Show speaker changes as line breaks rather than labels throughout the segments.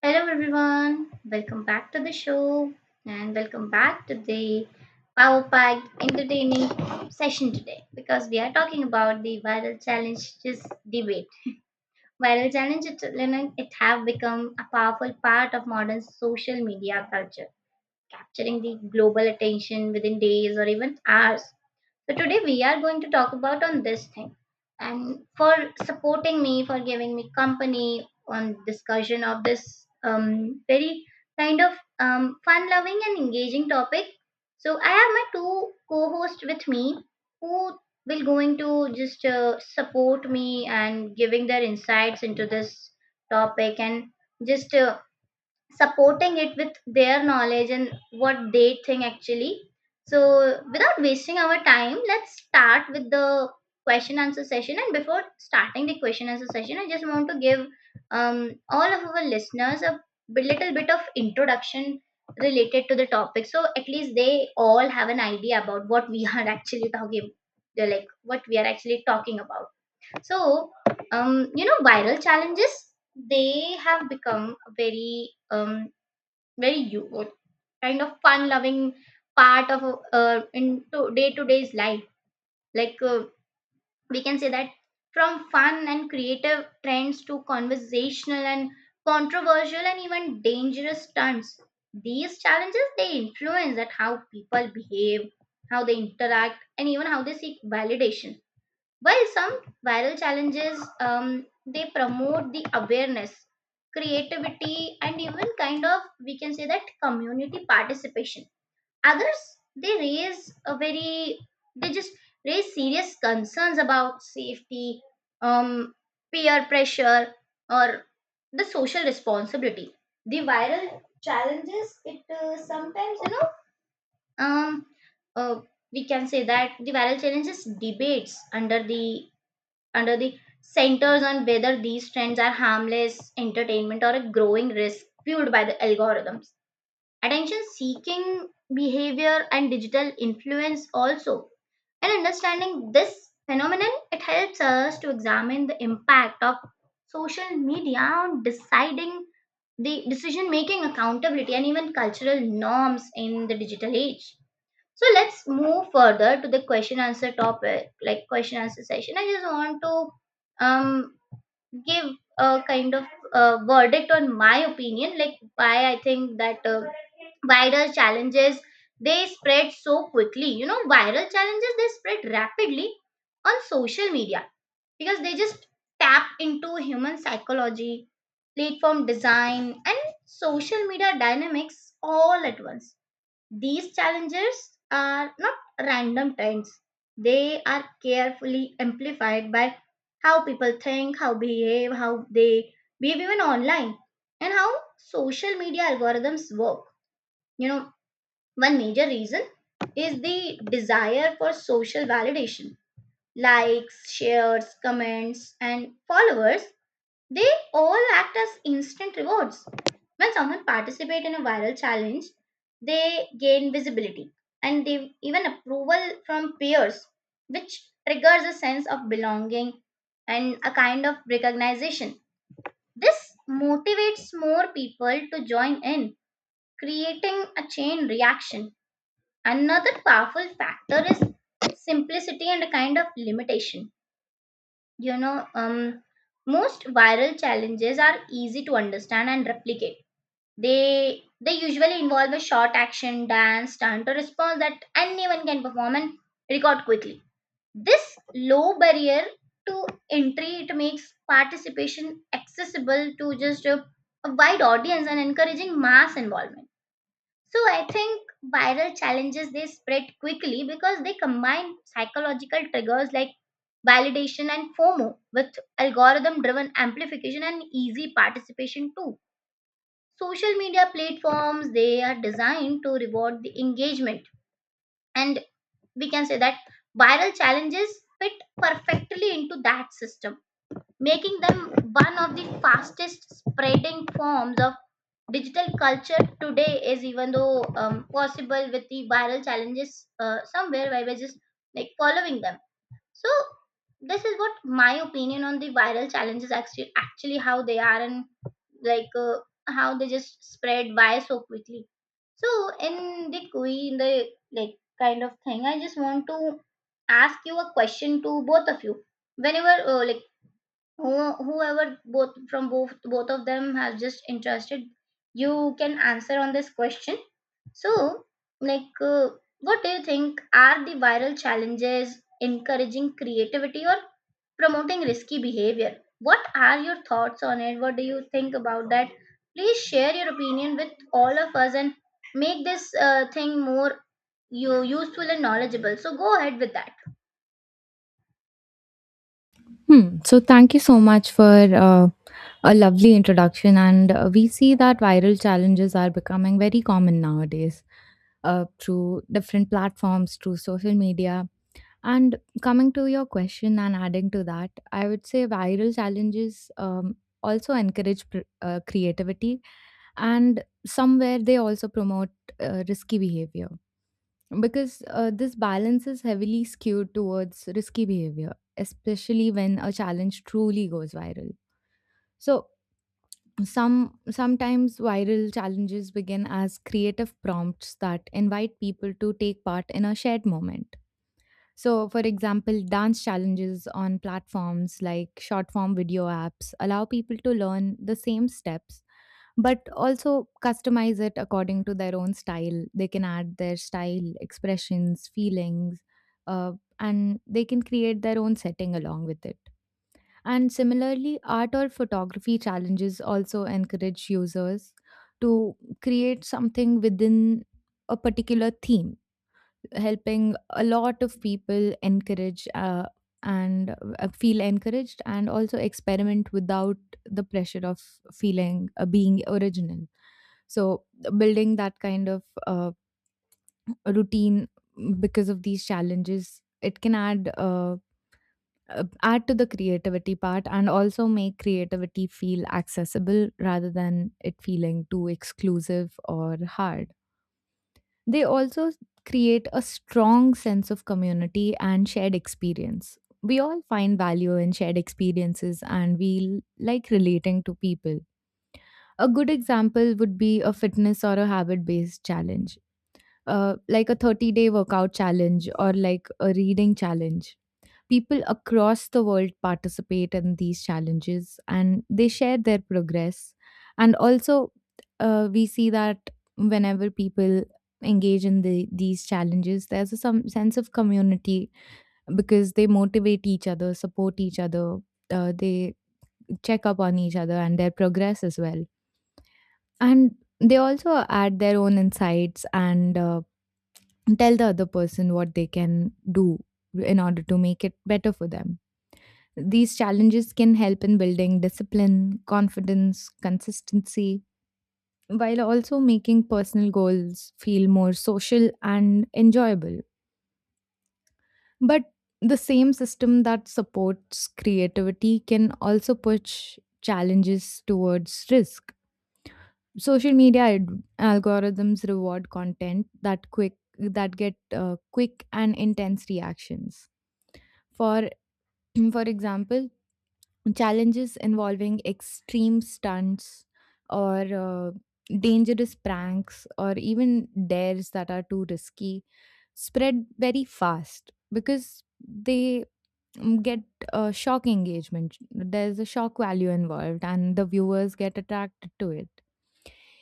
Hello, everyone. Welcome back to the show and welcome back to the power packed entertaining session today because we are talking about the viral challenges debate. Viral challenges, it have become a powerful part of modern social media culture, capturing the global attention within days or even hours. So today we are going to talk about on this thing and for supporting me for giving me company on discussion of this very kind of fun loving and engaging topic. So I have my two co-hosts with me who will going to just support me and giving their insights into this topic and just supporting it with their knowledge and what they think actually. So, without wasting our time, let's start with the question answer session. And before starting the question answer session, I just want to give all of our listeners a little bit of introduction related to the topic. So, at least they all have an idea about what we are actually talking they're like what we are actually talking about. So you know viral challenges they have become a very very you kind of fun loving part of into day to day's life, like we can say that from fun and creative trends to conversational and controversial and even dangerous stunts. These challenges they influence that how people behave, how they interact, and even how they seek validation. While some viral challenges they promote the awareness, creativity, and even kind of we can say that community participation. Others they raise a very they just raise serious concerns about safety, um, peer pressure, or the social responsibility. The viral challenges it sometimes um, uh, we can say that the viral challenges debates under the centers on whether these trends are harmless entertainment or a growing risk fueled by the algorithms. Attention seeking behavior and digital influence also. And understanding this phenomenon, it helps us to examine the impact of social media on deciding the decision making, accountability, and even cultural norms in the digital age. So let's move further to the question answer topic, like question answer session. I just want to give a kind of verdict on my opinion, like why I think that viral challenges they spread so quickly. You know, viral challenges they spread rapidly on social media because they just tap into human psychology, platform design, and social media dynamics all at once. These challenges are not random trends. They are carefully amplified by how people think, how behave, how they behave even online, and how social media algorithms work. You know, one major reason is the desire for social validation. Likes, shares, comments, and followers they all act as instant rewards. When someone participates in a viral challenge, they gain visibility and they even approval from peers, which triggers a sense of belonging and a kind of recognition. This motivates more people to join in, creating a chain reaction. Another powerful factor is simplicity and a kind of limitation, you know. Most viral challenges are easy to understand and replicate. They usually involve a short action, dance, stunt, or response that anyone can perform and record quickly. This low barrier to entry it makes participation accessible to just a wide audience and encouraging mass involvement. So I think viral challenges they spread quickly because they combine psychological triggers like validation and FOMO with algorithm driven amplification and easy participation too. Social media platforms they are designed to reward the engagement, and we can say that viral challenges fit perfectly into that system, making them one of the fastest spreading forms of digital culture today, is even though possible with the viral challenges somewhere by we're just like following them. So this is what my opinion on the viral challenges actually how they are, and like how they just spread by so quickly. So in the like kind of thing, I just want to ask you a question to both of you. Whenever like whoever both from both both of them have just interested, you can answer on this question. So like what do you think, are the viral challenges encouraging creativity or promoting risky behavior? What are your thoughts on it? What do you think about that? Please share your opinion with all of us and make this thing more you useful and knowledgeable, so go ahead with that.
Hmm. So thank you so much for uh, a lovely introduction. And we see that viral challenges are becoming very common nowadays through different platforms, through social media. And coming to your question and adding to that, I would say viral challenges also encourage creativity and somewhere they also promote risky behavior. Because this balance is heavily skewed towards risky behavior, especially when a challenge truly goes viral. So, sometimes viral challenges begin as creative prompts that invite people to take part in a shared moment. So, for example, dance challenges on platforms like short form video apps allow people to learn the same steps, but also customize it according to their own style. They can add their style, expressions, feelings, uh, and they can create their own setting along with it. And similarly, art or photography challenges also encourage users to create something within a particular theme, helping a lot of people encourage and feel encouraged and also experiment without the pressure of feeling being original. So building that kind of routine because of these challenges, it can add to the creativity part and also make creativity feel accessible rather than it feeling too exclusive or hard. They also create a strong sense of community and shared experience. We all find value in shared experiences, and like relating to people. A good example would be a fitness or a habit based challenge, like a 30-day workout challenge or like a reading challenge. People across the world participate in these challenges and they share their progress. And also, we see that whenever people engage in these challenges, there's a some sense of community because they motivate each other, support each other. They check up on each other and their progress as well. And they also add their own insights and tell the other person what they can do in order to make it better for them. These challenges can help in building discipline, confidence, consistency, while also making personal goals feel more social and enjoyable. But the same system that supports creativity can also push challenges towards risk. Social media algorithms reward content that quick that get quick and intense reactions. For for example, challenges involving extreme stunts or dangerous pranks or even dares that are too risky spread very fast because they get a shock engagement. There's a shock value involved, and the viewers get attracted to it.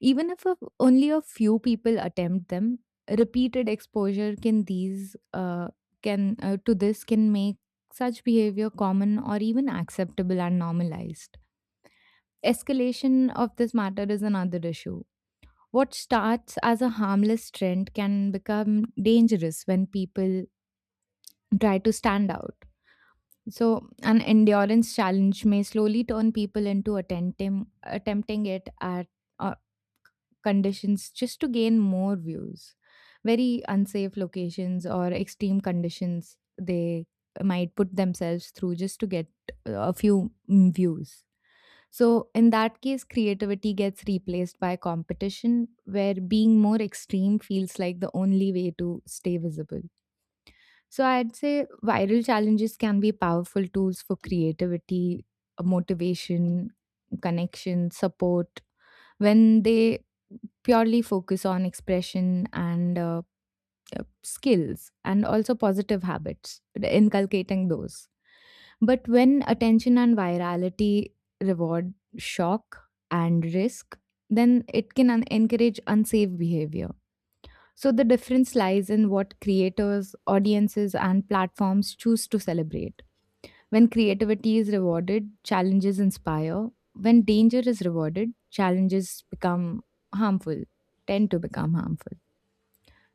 Even if only a few people attempt them, repeated exposure can these can to this can make such behavior common or even acceptable and normalized. Escalation of this matter is another issue. What starts as a harmless trend can become dangerous when people try to stand out. So an endurance challenge may slowly turn people into attempting it at uh, conditions just to gain more views. Very unsafe locations or extreme conditions they might put themselves through just to get a few views. So, in that case, creativity gets replaced by competition, where being more extreme feels like the only way to stay visible. So I'd say viral challenges can be powerful tools for creativity, motivation, connection, support, when they purely focus on expression and skills and also positive habits, inculcating those. But when attention and virality reward shock and risk, then it can encourage unsafe behavior. So the difference lies in what creators, audiences, and platforms choose to celebrate. When creativity is rewarded, challenges inspire. When danger is rewarded, challenges become harmful, tend to become harmful.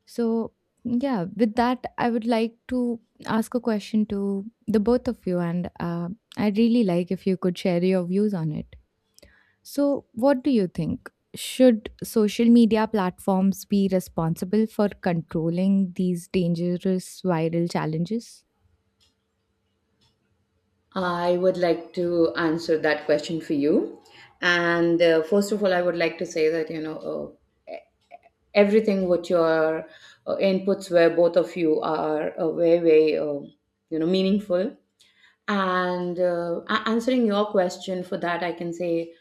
So, yeah, with that, I would like to ask a question to the both of you, and I'd really like if you could share your views on it. So, what do you think? Should social media platforms be responsible for controlling these dangerous viral challenges?
I would like to answer that question for you. And First of all, I would like to say that, uh, e- everything what your inputs were. Both of you are very, very, meaningful. Answering your question for that, I can say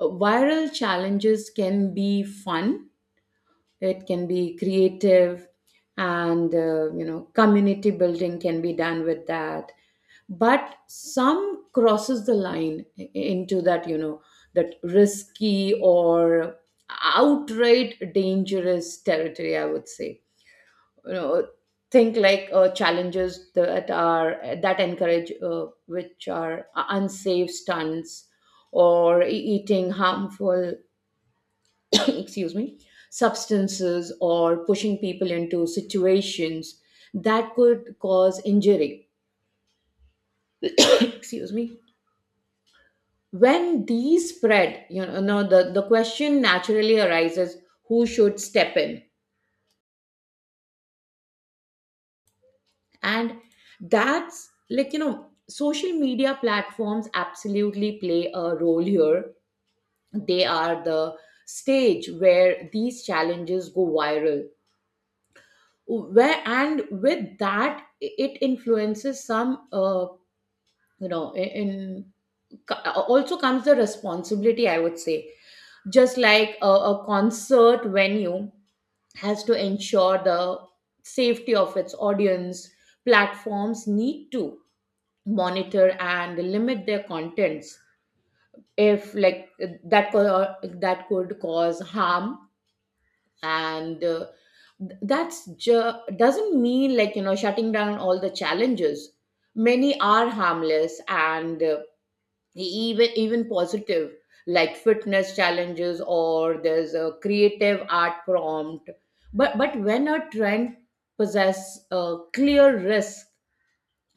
viral challenges can be fun, it can be creative, and, community building can be done with that, but some crosses the line into that, that risky or outright dangerous territory, I would say. you know think like challenges that are, that encourage which are unsafe stunts or eating harmful excuse me, substances, or pushing people into situations that could cause injury. Excuse me. When these spread, you know no, the question naturally arises, who should step in? And that's like, social media platforms absolutely play a role here. They are the stage where these challenges go viral, where, and with that, it influences some. You know in in- Also comes the responsibility, I would say. Just like a concert venue has to ensure the safety of its audience. Platforms need to monitor and limit their contents if like that could cause harm. And th- that's ju- Doesn't mean like, shutting down all the challenges. Many are harmless and, even positive, like fitness challenges or there's a creative art prompt. But when a trend possess a clear risk,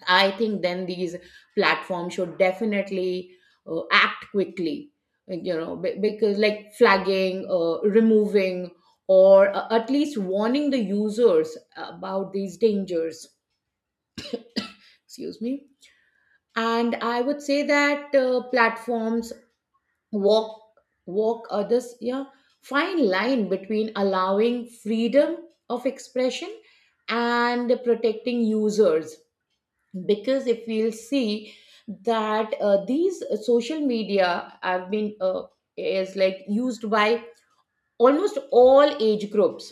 I think then these platforms should definitely act quickly. Like, because like flagging, removing, or at least warning the users about these dangers. Excuse me. And I would say that platforms walk walk others, yeah, fine line between allowing freedom of expression and protecting users. Because if we'll see that these social media have been, is like used by almost all age groups,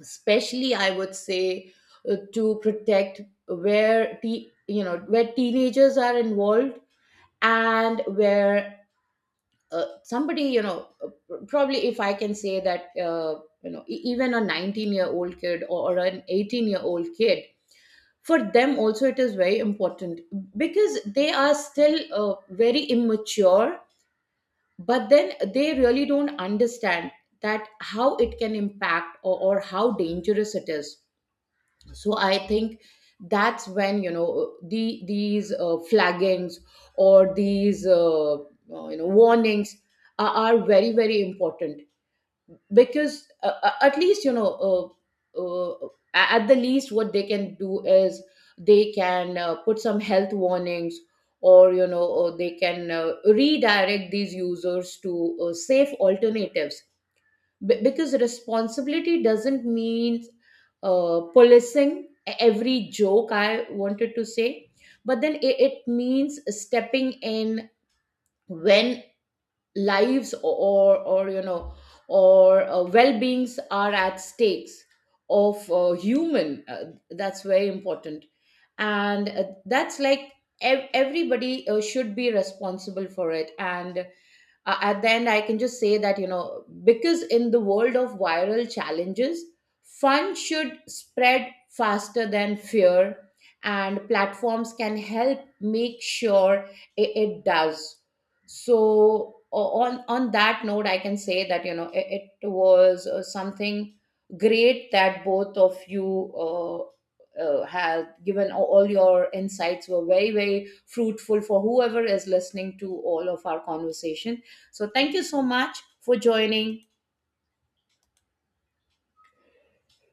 especially, I would say, to protect where where teenagers are involved, and where somebody, probably, if I can say that, even a 19-year-old kid, or an 18-year-old kid, for them also it is very important, because they are still very immature, but then they really don't understand that how it can impact, or how dangerous it is. So I think that's when, these flaggings or these warnings are very very important. Because at least, uh, uh, at the least what they can do is they can put some health warnings, or, or they can redirect these users to safe alternatives. Because responsibility doesn't mean policing every joke, I wanted to say, but then it means stepping in when lives, or, well-beings are at stakes of human. That's very important. And That's like everybody should be responsible for it. And At the end I can just say that, because in the world of viral challenges, fun should spread faster than fear, and platforms can help make sure it does. So, on that note I can say that, it was something great. That both of you have given, all your insights were very very fruitful for whoever is listening to all of our conversation. So thank you so much for joining.